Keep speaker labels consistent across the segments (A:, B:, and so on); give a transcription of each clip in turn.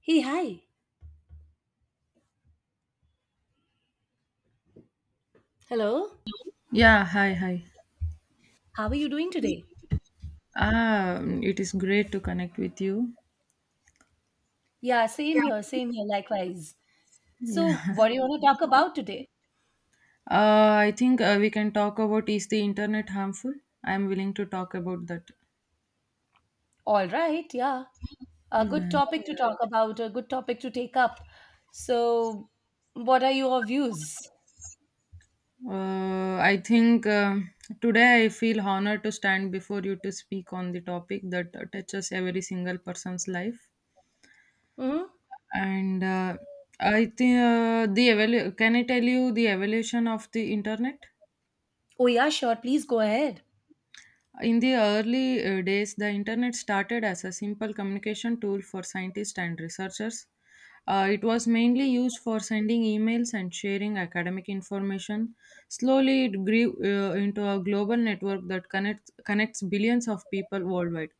A: Hey, hi. Hello.
B: Yeah, hi, hi.
A: How are you doing today?
B: It is great to connect with you.
A: Yeah, same here, likewise. So,
B: Yeah.
A: what do you want to talk about today?
B: I think we can talk about, is the internet harmful? I'm willing to talk about that.
A: All right, yeah. A good
B: Yeah.
A: topic to, yeah, talk about, a good topic to take up. So, what are your views?
B: I think today I feel honored to stand before you to speak on the topic that touches every single person's life.
A: Hmm.
B: And I think can I tell you the evolution of the internet?
A: Oh, yeah, sure. Please go ahead.
B: In the early days, the internet started as a simple communication tool for scientists and researchers. It was mainly used for sending emails and sharing academic information. Slowly, it grew into a global network that connects billions of people worldwide.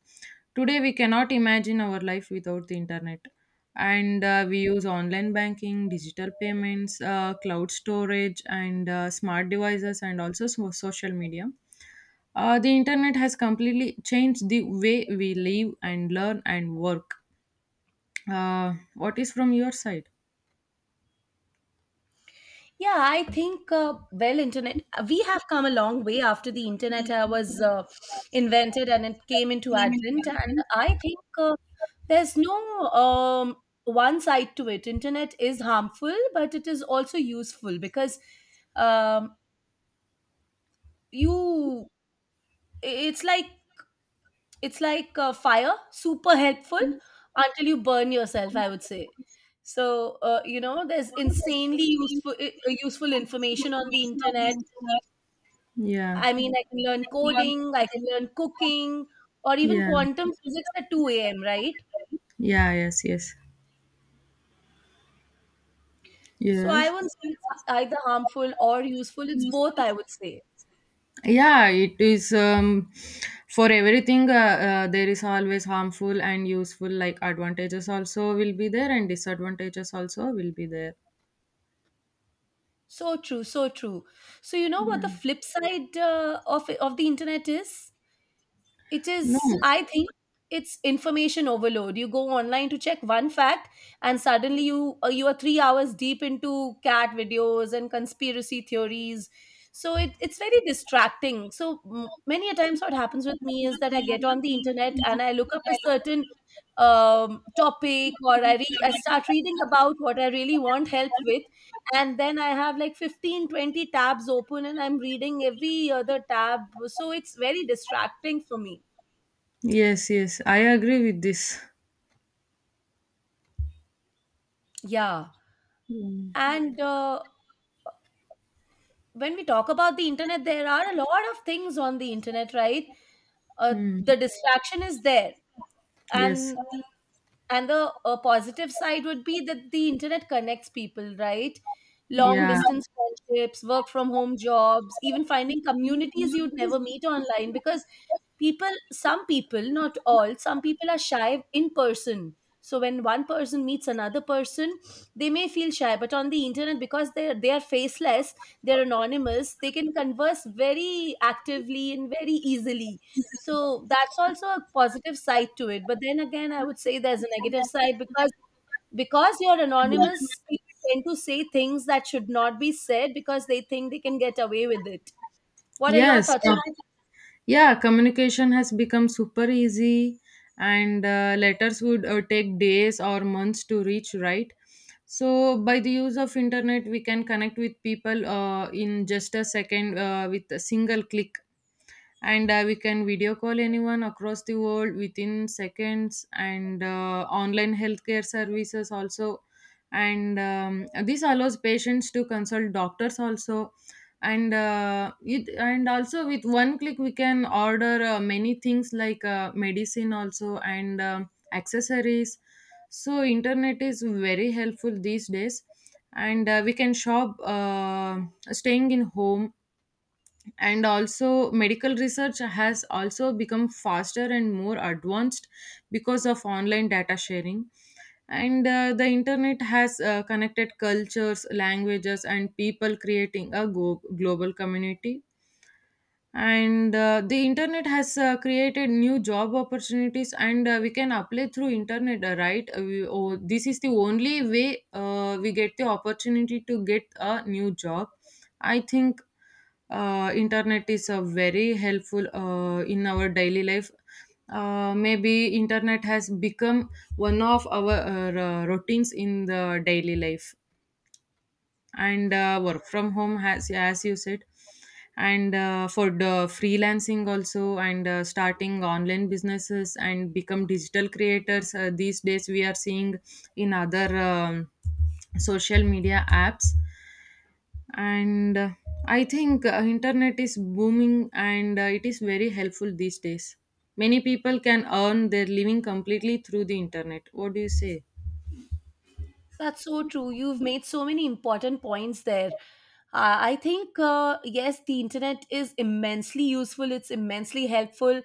B: Today, we cannot imagine our life without the internet. And we use online banking, digital payments, cloud storage, and smart devices, and also social media. The internet has completely changed the way we live and learn and work. What is from your side?
A: Yeah, I think well, internet. We have come a long way after the internet was invented and it came into advent. And I think there's no um, one side to it. Internet is harmful, but it is also useful because um, you. It's like it's like fire, super helpful until you burn yourself, I would say. So there's insanely useful useful information on the internet.
B: Yeah,
A: I mean, I can learn coding, I can learn cooking, or even
B: yeah,
A: quantum physics at 2 a.m., right?
B: yeah, yes, yes,
A: So I won't
B: yes.
A: say it's either harmful or useful. It's both, I would say.
B: Yeah, it is for everything. There is always harmful and useful, like advantages also will be there, and disadvantages also will be there.
A: So true, so true. So you know what the
B: Yeah,
A: flip side of the internet is? It
B: no,
A: is, I think, it's information overload. You go online to check one fact, and suddenly you you are 3 hours deep into cat videos and conspiracy theories. So it's very distracting. So m- many a times what happens with me is that I get on the internet and I look up a certain um, topic, or I I start reading about what I really want help with, and then I have like 15, 20 tabs open and I'm reading every other tab. So it's very distracting for me.
B: yes, yes, I agree with this.
A: Yeah.
B: Mm.
A: And when we talk about the internet, there are a lot of things on the internet, right?
B: Mm.
A: The distraction is there.
B: Yes,
A: And and the positive side would be that the internet connects people, right? Long
B: yeah,
A: distance friendships, work from home jobs, even finding communities you'd never meet online, because people, some people, not all, some people are shy in person, so when one person meets another person, they may feel shy, but on the internet, because they are faceless, they're anonymous, they can converse very actively and very easily. So that's also a positive side to it. But then again, I would say there's a negative side, because you're anonymous, people tend to say things that should not be said because they think they can get away with it. What are your
B: yes.
A: thoughts on?
B: Yeah, communication has become super easy, and letters would take days or months to reach, right? So by the use of internet we can connect with people in just a second with a single click, and we can video call anyone across the world within seconds, and online healthcare services also, and this allows patients to consult doctors also. And it, and also with one click we can order many things like medicine also and accessories. So internet is very helpful these days, and we can shop staying in home. And also medical research has also become faster and more advanced because of online data sharing. And the internet has connected cultures, languages and people, creating a global community. And the internet has created new job opportunities, and we can apply through internet, right? We, oh, this is the only way we get the opportunity to get a new job, I think. Internet is very helpful in our daily life. Maybe internet has become one of our routines in the daily life. And work from home, has, as you said, and for the freelancing also, and starting online businesses and become digital creators these days we are seeing in other social media apps. And I think internet is booming, and it is very helpful these days. Many people can earn their living completely through the internet. What do you say?
A: That's so true. You've made so many important points there. I think, yes, the internet is immensely useful. It's immensely helpful.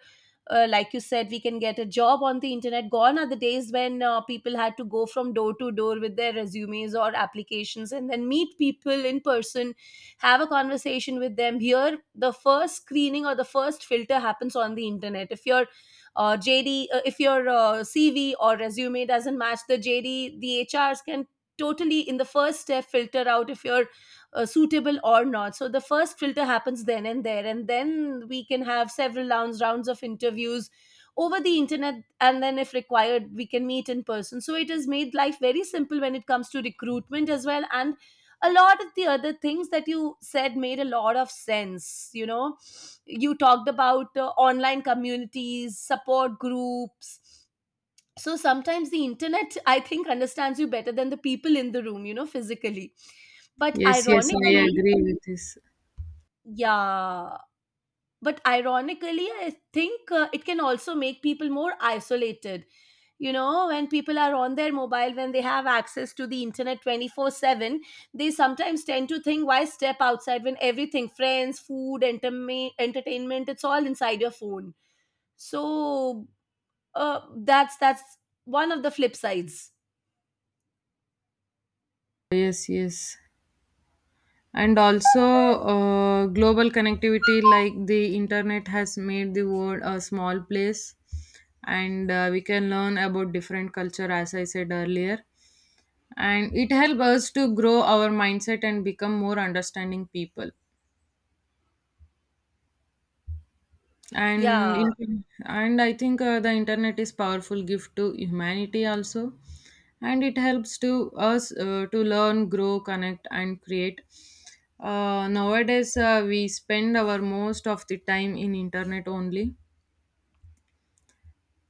A: Like you said, we can get a job on the internet. Gone are the days when people had to go from door to door with their resumes or applications and then meet people in person, have a conversation with them. Here, the first screening or the first filter happens on the internet. If you're JD, if your CV or resume doesn't match the JD, the HRs can totally in the first step filter out if you're suitable or not. So the first filter happens then and there, and then we can have several rounds of interviews over the internet, and then if required, we can meet in person. So it has made life very simple when it comes to recruitment as well. And a lot of the other things that you said made a lot of sense, you know, you talked about online communities, support groups. So sometimes the internet, I think, understands you better than the people in the room, you know, physically, but
B: Yes, yes, I
A: ironically,
B: agree with this.
A: yeah, but ironically, I think it can also make people more isolated. You know, when people are on their mobile, when they have access to the internet 24/7, they sometimes tend to think, why step outside when everything, friends, food, entertainment, it's all inside your phone. So uh, that's one of the flip sides.
B: Yes, yes. And also global connectivity, like the internet has made the world a small place, and we can learn about different culture, as I said earlier, and it helps us to grow our mindset and become more understanding people.
A: Yeah.
B: And I think the internet is powerful gift to humanity also, and it helps to us to learn, grow, connect and create. Nowadays we spend our most of the time in internet only,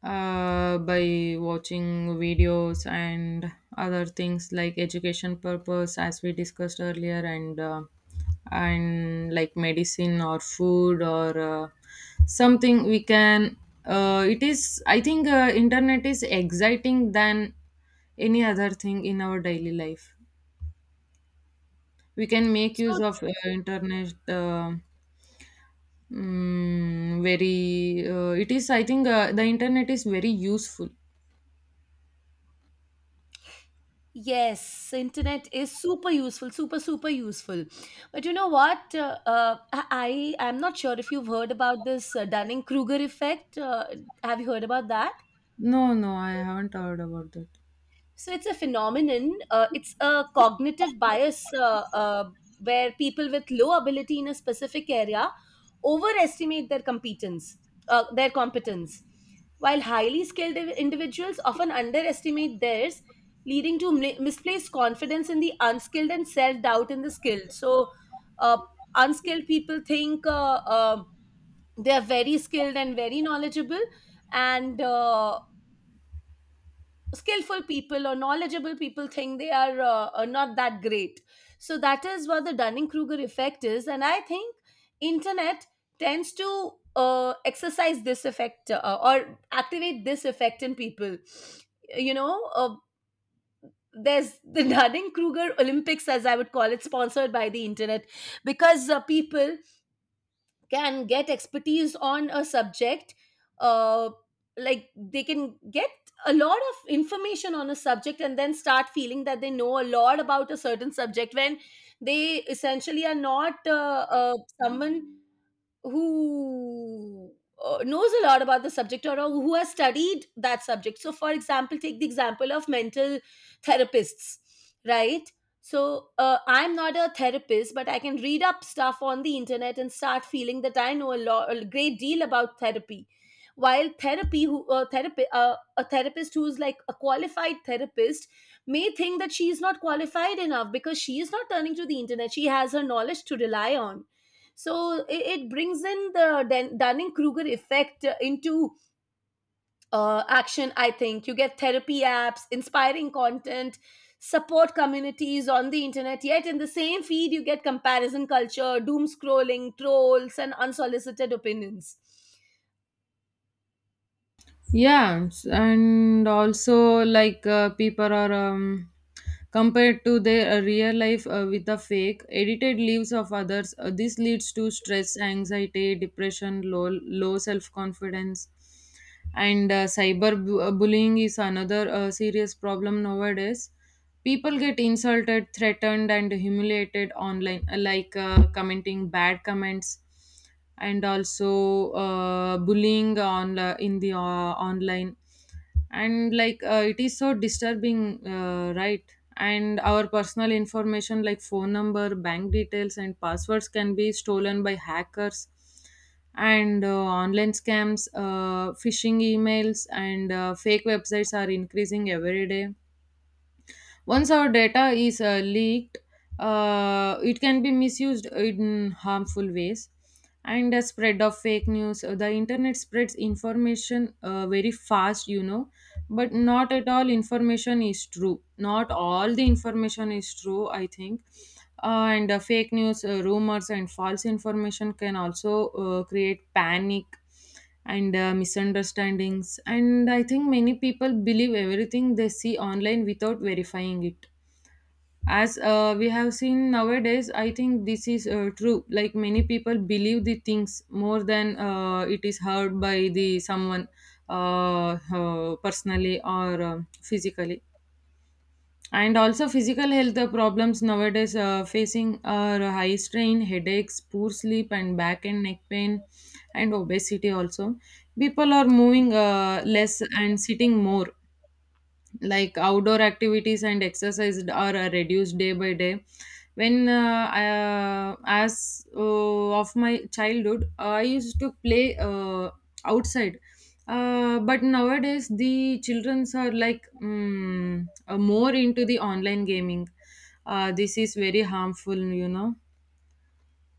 B: by watching videos and other things like education purpose, as we discussed earlier, and like medicine or food or something we can. It is, I think, internet is exciting than any other thing in our daily life. We can make use
A: So
B: of internet mm, very it is, I think, the internet is very useful.
A: yes, internet is super useful, super super useful. But you know what? I am not sure if you've heard about this Dunning Kruger effect. Have you heard about that?
B: No, no, I haven't heard about that.
A: So it's a phenomenon. It's a cognitive bias, where people with low ability in a specific area overestimate their competence, uh, their competence, while highly skilled individuals often underestimate theirs, leading to misplaced confidence in the unskilled and self doubt in the skilled. So uh, unskilled people think they are very skilled and very knowledgeable, and skillful people or knowledgeable people think they are not that great. So that is what the Dunning-Kruger effect is, and I think internet tends to exercise this effect or activate this effect in people. You know, there's the Dunning-Kruger Olympics, as I would call it, sponsored by the internet, because people can get expertise on a subject, uh, like they can get a lot of information on a subject, and then start feeling that they know a lot about a certain subject, when they essentially are not uh, someone who knows a lot about the subject, or who has studied that subject. So, for example, take the example of mental therapists, right? So, I'm not a therapist, but I can read up stuff on the internet and start feeling that I know a, lot, a great deal about therapy. While therapy, who a therapist who's like a qualified therapist may think that she is not qualified enough, because she is not turning to the internet. She has her knowledge to rely on. So it brings in the Dunning-Kruger effect into action. I think you get therapy apps, inspiring content, support communities on the internet, yet in the same feed you get comparison culture, doom scrolling, trolls and unsolicited opinions.
B: Yeah, and also like people are compared to their real life with the fake edited lives of others. This leads to stress, anxiety, depression, low self confidence, and cyber bullying is another serious problem nowadays. People get insulted, threatened, and humiliated online, like commenting bad comments, and also bullying on in the online, and like it is so disturbing, right? And our personal information like phone number, bank details and passwords can be stolen by hackers, and online scams, phishing emails, and fake websites are increasing every day. Once our data is leaked, it can be misused in harmful ways. And the spread of fake news. The internet spreads information very fast, you know, but not at all information is true. Not all the information is true, I think. And fake news, rumors, and false information can also create panic and misunderstandings. And I think many people believe everything they see online without verifying it, as we have seen nowadays. I think this is true, like many people believe the things more than it is heard by the someone personally, or physically. And also, physical health problems nowadays facing are high strain, headaches, poor sleep, and back and neck pain, and obesity also. People are moving less and sitting more, like outdoor activities and exercise are reduced day by day. When uh, I, uh, as uh, of my childhood I used to play outside, but nowadays the childrens are like more into the online gaming. This is very harmful, you know.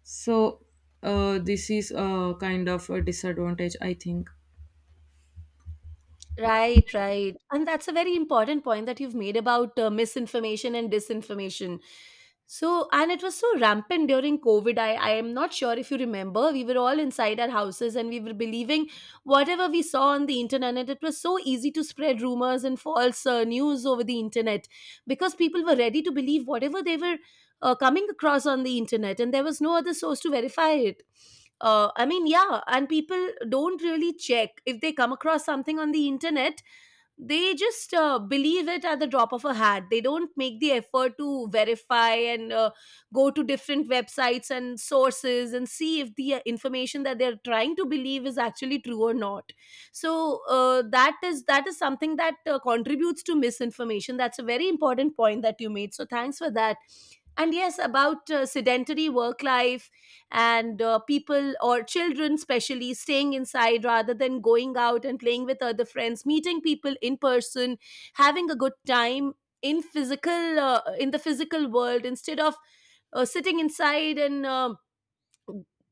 B: So this is a kind of a disadvantage, I think.
A: Right, right. And that's a very important point that you've made about misinformation and disinformation. So, and it was so rampant during COVID. I am not sure if you remember, we were all inside our houses and we were believing whatever we saw on the internet. And it was so easy to spread rumors and false news over the internet because people were ready to believe whatever they were coming across on the internet, and there was no other source to verify it. I mean, yeah, and people don't really check. If they come across something on the internet, they just believe it at the drop of a hat. They don't make the effort to verify and go to different websites and sources and see if the information that they're trying to believe is actually true or not. So that is something that contributes to misinformation. That's a very important point that you made, so thanks for that. And yes, about sedentary work life, and people or children especially staying inside rather than going out and playing with other friends, meeting people in person, having a good time in physical in the physical world instead of sitting inside and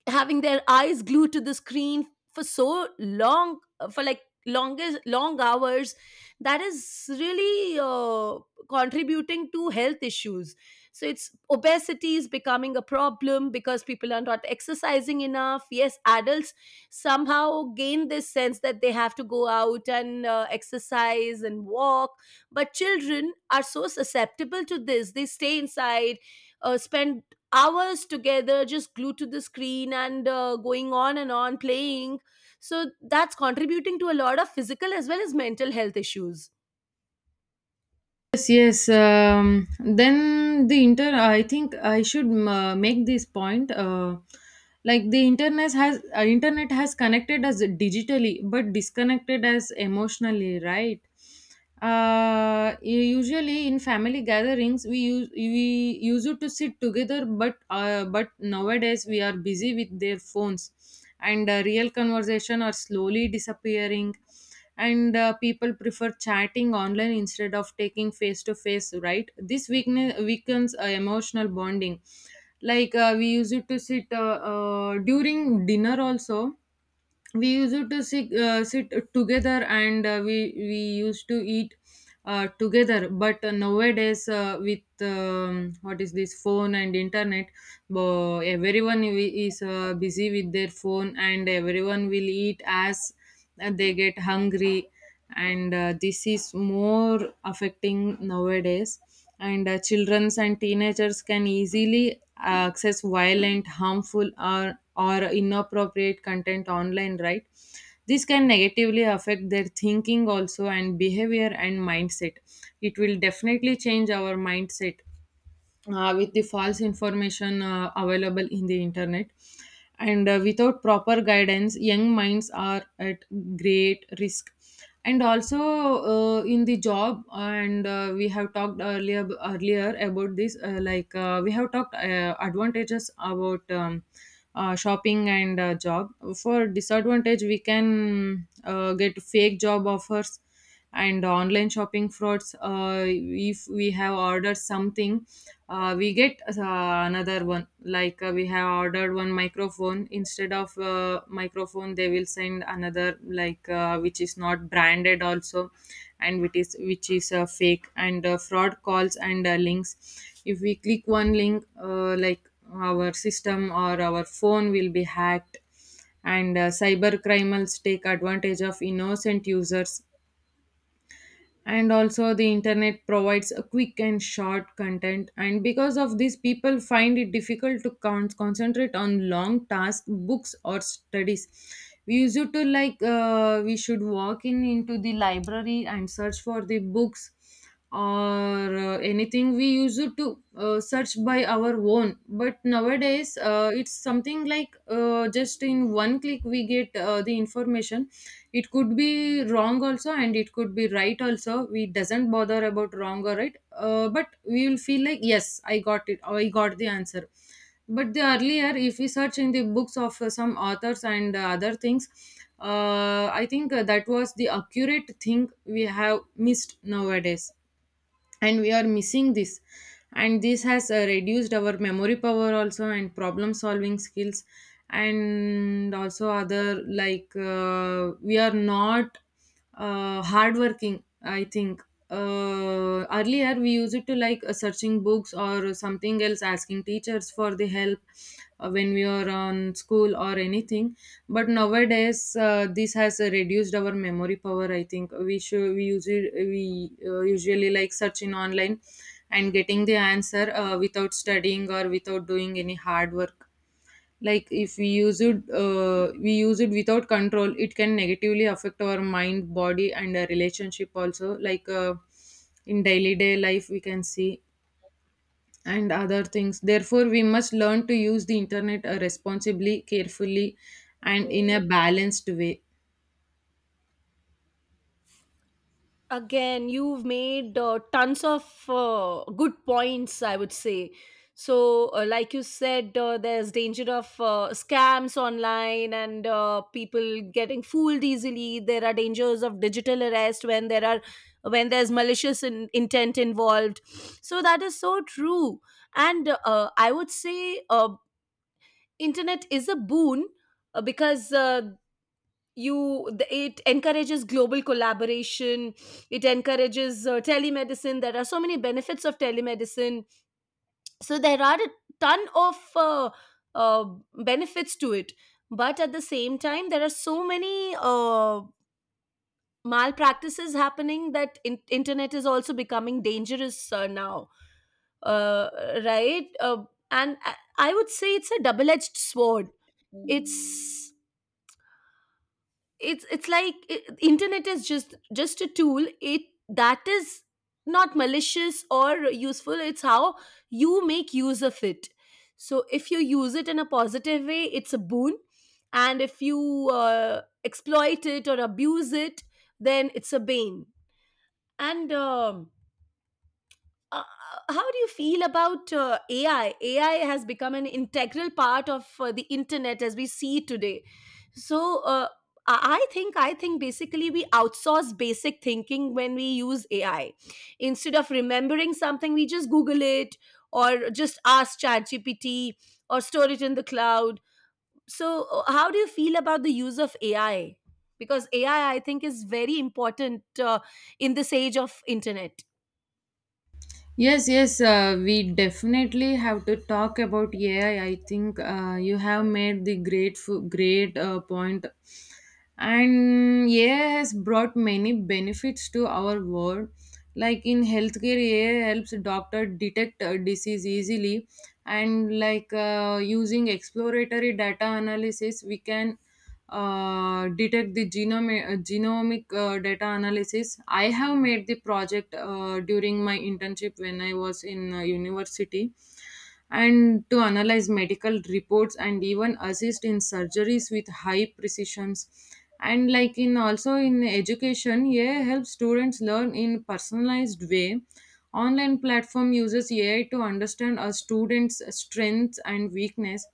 A: having their eyes glued to the screen for so long, for like long hours. That is really contributing to health issues. So it's obesity is becoming a problem because people are not exercising enough. Yes, adults somehow gain this sense that they have to go out and exercise and walk, but children are so susceptible to this. They stay inside, spend hours together just glued to the screen and going on and on playing. So that's contributing to a lot of physical as well as mental health issues.
B: Yes, yes. Then I think I should make this point. Like the internet has connected us digitally, but disconnected us emotionally, right? Usually in family gatherings, we used to sit together, but nowadays we are busy with their phones, and real conversation are slowly disappearing. And people prefer chatting online instead of taking face to face, right? This weakness weakens emotional bonding. Like we used to sit during dinner also. We used to sit, sit together, and we used to eat together, but nowadays with what is this, phone and internet, but everyone is busy with their phone, and everyone will eat as they get hungry. And this is more affecting nowadays. And children and teenagers can easily access violent, harmful or inappropriate content online, right? This can negatively affect their thinking also, and behavior and mindset. It will definitely change our mindset with the false information available in the internet. And without proper guidance, young minds are at great risk. And also in the job, and we have talked earlier about this, like we have talked advantages about shopping and job. For disadvantage, we can get fake job offers and online shopping frauds. If we have ordered something, we get another one, like we have ordered one microphone, instead of microphone they will send another, like which is not branded also, and which is fake and fraud calls, and links, if we click one link like our system or our phone will be hacked. And cyber criminals take advantage of innocent users. And also the internet provides a quick and short content, and because of this people find it difficult to concentrate on long tasks, books or studies. We used to like we should walk in into the library and search for the books or anything. We used to search by our own, but nowadays it's something like just in one click we get the information. It could be wrong also, and it could be right also. We doesn't bother about wrong or right, but we will feel like, yes, I got it, I got the answer. But the earlier, if we search in the books of some authors and other things, I think that was the accurate thing we have missed nowadays, and we are missing this. And this has reduced our memory power also, and problem solving skills. And also other, like we are not hardworking, I think. Earlier we used it to like searching books or some something else, asking teachers for the help when we are on school or anything. But nowadays this has reduced our memory power, I think. We usually like search in online and getting the answer without studying or without doing any hard work. Like if we use it, we use it without control, it can negatively affect our mind, body and a relationship also. Like in daily day life we can see and other things. Therefore, we must learn to use the internet responsibly, carefully, and in a balanced way.
A: Again, you've made tons of good points, I would say. So like you said, there's danger of scams online and people getting fooled easily. There are dangers of digital arrest when there are, when there's malicious intent involved. So that is so true. And I would say internet is a boon, because you it encourages global collaboration. It encourages telemedicine. There are so many benefits of telemedicine. So there are a ton of uh, benefits to it, but at the same time there are so many malpractices happening that internet is also becoming dangerous now, uh, right. And I would say it's a double-edged sword. it's Internet is just a tool. It, that is not malicious or useful. It's how you make use of it. So if you use it in a positive way, it's a boon, and if you exploit it or abuse it, then it's a bane. And uh, how do you feel about AI? AI has become an integral part of the internet as we see it today. So I think basically we outsource basic thinking when we use AI. Instead of remembering something, we just Google it or just ask ChatGPT or store it in the cloud. So how do you feel about the use of AI? Because AI, I think, is very important in this age of internet.
B: Yes, yes, we definitely have to talk about AI. I think you have made the great point. And AI has brought many benefits to our world. Like in healthcare, AI helps doctor detect a disease easily, and like using exploratory data analysis, we can detect the genomic data analysis. I have made the project during my internship when I was in university, and to analyze medical reports and even assist in surgeries with high precisions. And like in, also in education, AI helps students learn in personalized way. Online platform uses AI to understand a student's strengths and weakness.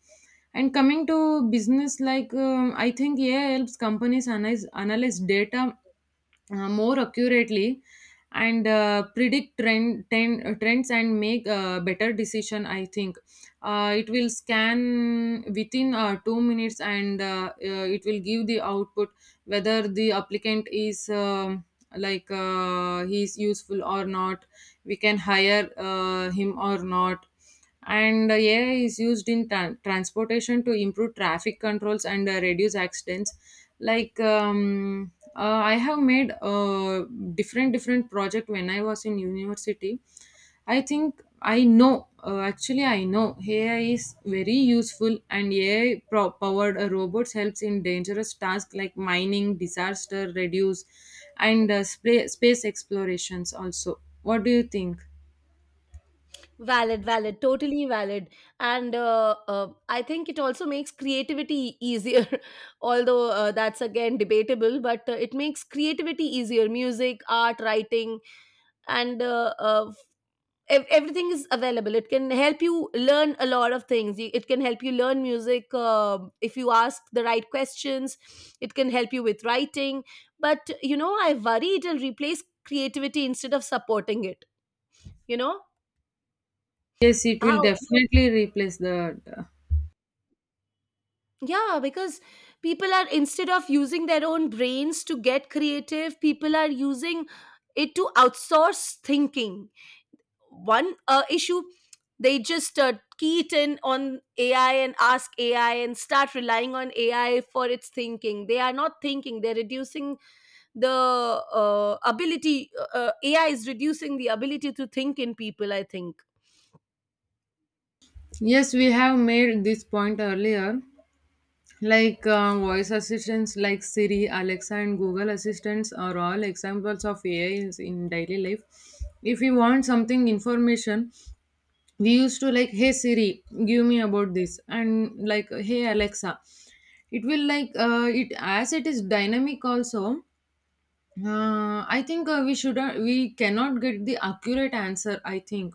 B: And coming to business, I think AI helps companies analyze data more accurately, and predict trends, and make better decision. I think it will scan within 2 minutes, and it will give the output whether the applicant is like he is useful or not, we can hire him or not. And AI is used in transportation to improve traffic controls and reduce accidents. Like I have made different different project when I was in university. I think I know actually I know AI is very useful, and AI powered robots helps in dangerous tasks like mining disaster reduce and space explorations also. What do you think?
A: Valid, totally valid. And I think it also makes creativity easier. Although that's again debatable, but it makes creativity easier: music, art, writing. and uh, uh, Everything is available. It can help you learn a lot of things. It can help you learn music if you ask the right questions. It can help you with writing, but you know, I worry it'll replace creativity instead of supporting it you know
B: Yes, it will
A: how?
B: definitely replace the.
A: Yeah, because people are, instead of using their own brains to get creative, people are using it to outsource thinking. One issue, they just key it in on AI and ask AI and start relying on AI for its thinking. They are not thinking, they're reducing the AI is reducing the ability to think in people, I think.
B: Yes, we have made this point earlier. Like voice assistants like Siri, Alexa, and Google Assistants are all examples of AI is in daily life. If we want something information, we used to like, hey Siri, give me about this, and like, hey Alexa. It will like it, as it is dynamic also. I think we should we cannot get the accurate answer, I think.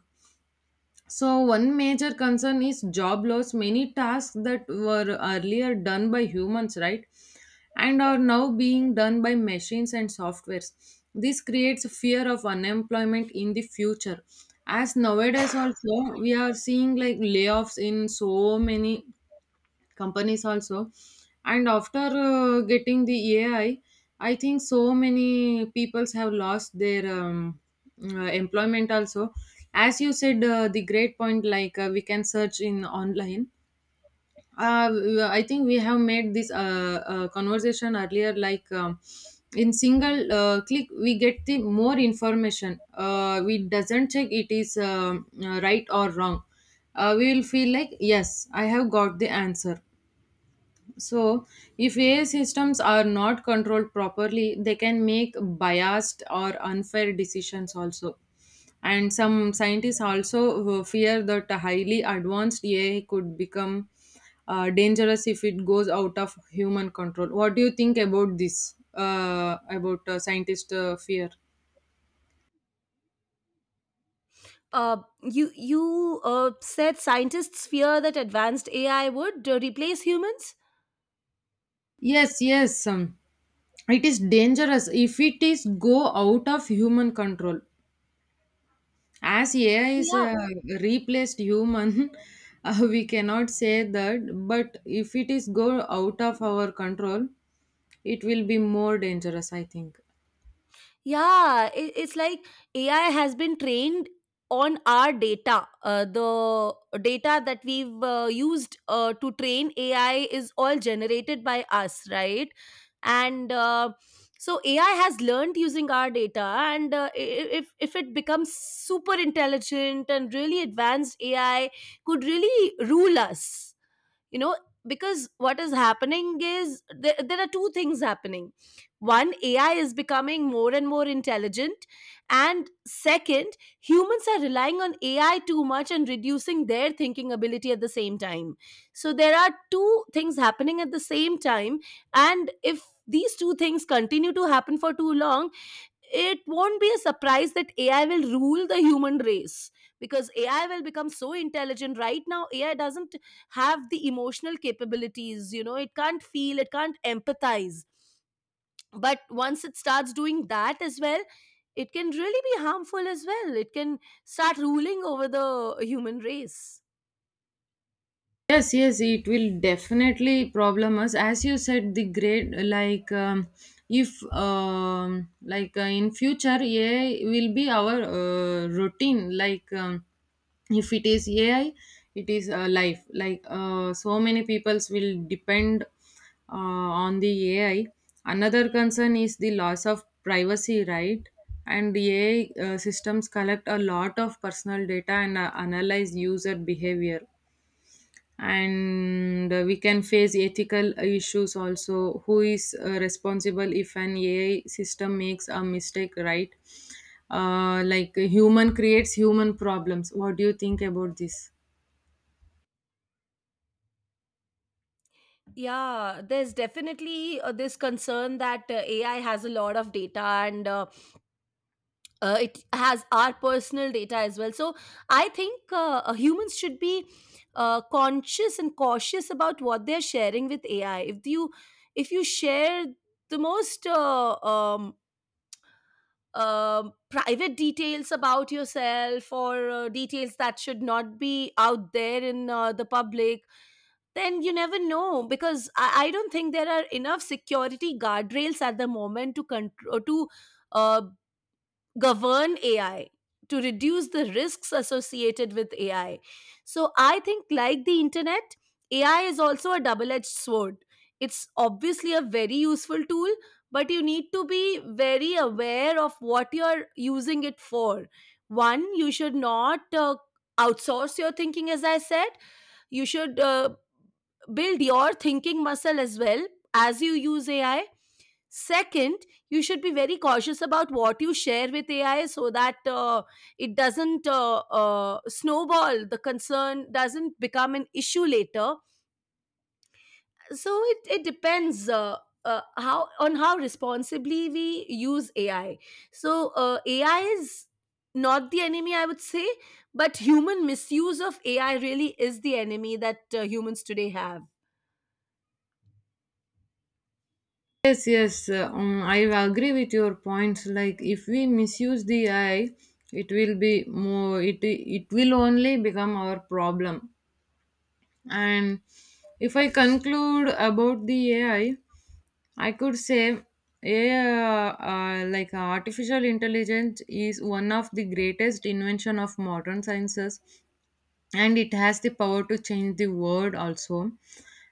B: So, one major concern is job loss. Many tasks that were earlier done by humans, right, and are now being done by machines and softwares. This creates fear of unemployment in the future. As nowadays also, we are seeing like layoffs in so many companies also, and after getting the AI, I think so many peoples have lost their employment also. As you said, the great point, like we can search in online. uh, I think we have made this conversation earlier. In single click we get the more information. We doesn't check it is right or wrong. We will feel like yes, I have got the answer. So, if AI systems are not controlled properly, they can make biased or unfair decisions also. And some scientists also fear that a highly advanced AI could become dangerous if it goes out of human control. What do you think about this? About scientist fear?
A: uh, you said scientists fear that advanced AI would replace humans.
B: Yes, yes. It is dangerous if it is go out of human control. As AI is
A: Yeah,
B: a replaced human we cannot say that, but if it is go out of our control, it will be more dangerous, I think.
A: yeah. It's like AI has been trained on our data. The data that we've used to train AI is all generated by us, right? And so AI has learned using our data, and if if it becomes super intelligent and really advanced, AI could really rule us you know because what is happening is there are two things happening. One, AI is becoming more and more intelligent, and second, humans are relying on AI too much and reducing their thinking ability at the same time. So there are two things happening at the same time, and if these two things continue to happen for too long, it won't be a surprise that AI will rule the human race, because AI will become so intelligent. Right now, AI doesn't have the emotional capabilities, you know, it can't feel, it can't empathize. But once it starts doing that as well, it can really be harmful as well. It can start ruling over the human race.
B: Yes, yes, it will definitely problem us. As you said, the grade, if like in future AI will be our routine. If it is AI, it is life. Like so many peoples will depend on the AI. Another concern is the loss of privacy, right? And AI systems collect a lot of personal data and analyze user behavior. And we can face ethical issues also. Who is responsible if an AI system makes a mistake, right? Like human creates human problems. What do you think about this?
A: Yeah, there's definitely this concern that AI has a lot of data, and it has our personal data as well, so I think humans should be conscious and cautious about what they're sharing with AI. If you, if you share the most private details about yourself or details that should not be out there in the public, then you never know, because I don't think there are enough security guardrails at the moment to control to uh, govern AI, to reduce the risks associated with AI. So I think, like the internet, AI is also a double edged sword. It's obviously a very useful tool, but you need to be very aware of what you're using it for. One, you should not outsource your thinking, as I said. You should build your thinking muscle as well as you use AI. Second, you should be very cautious about what you share with AI, so that it doesn't snowball, the concern doesn't become an issue later. So it depends. How on how responsibly we use AI. So AI is not the enemy, I would say, but human misuse of AI really is the enemy that humans today have.
B: Yes, yes, I agree with your points. Like if we misuse the AI, it will be more, it will only become our problem. And if I conclude about the AI, I could say, yeah, like artificial intelligence is one of the greatest invention of modern sciences, and it has the power to change the world also.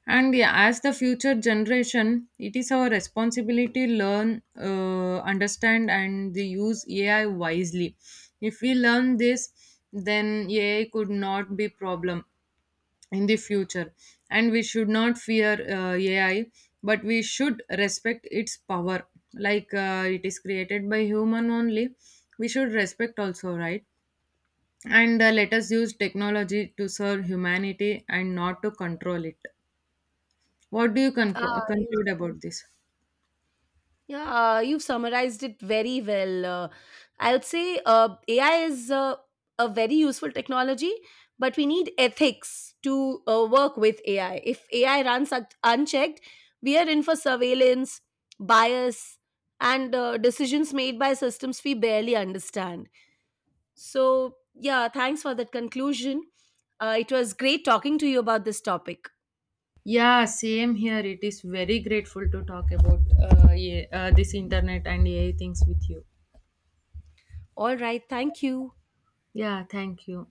B: And yeah, as the future generation, it is our responsibility learn, understand, and the use AI wisely. If we learn this, then AI could not be problem in the future, and we should not fear AI, but we should respect its power. Like it is created by human only, we should respect also, right? And let us use technology to serve humanity and not to control it. What do you
A: Ah,
B: conclude about this?
A: Yeah, you've summarized it very well. I would say AI is a very useful technology, but we need ethics to work with AI. If AI runs unchecked, we are in for surveillance, bias, and decisions made by systems we barely understand. So, yeah, thanks for that conclusion. It was great talking to you about this topic.
B: Yeah, same here, it is very grateful to talk about this internet and AI things with you.
A: All right, thank you.
B: Yeah, thank you.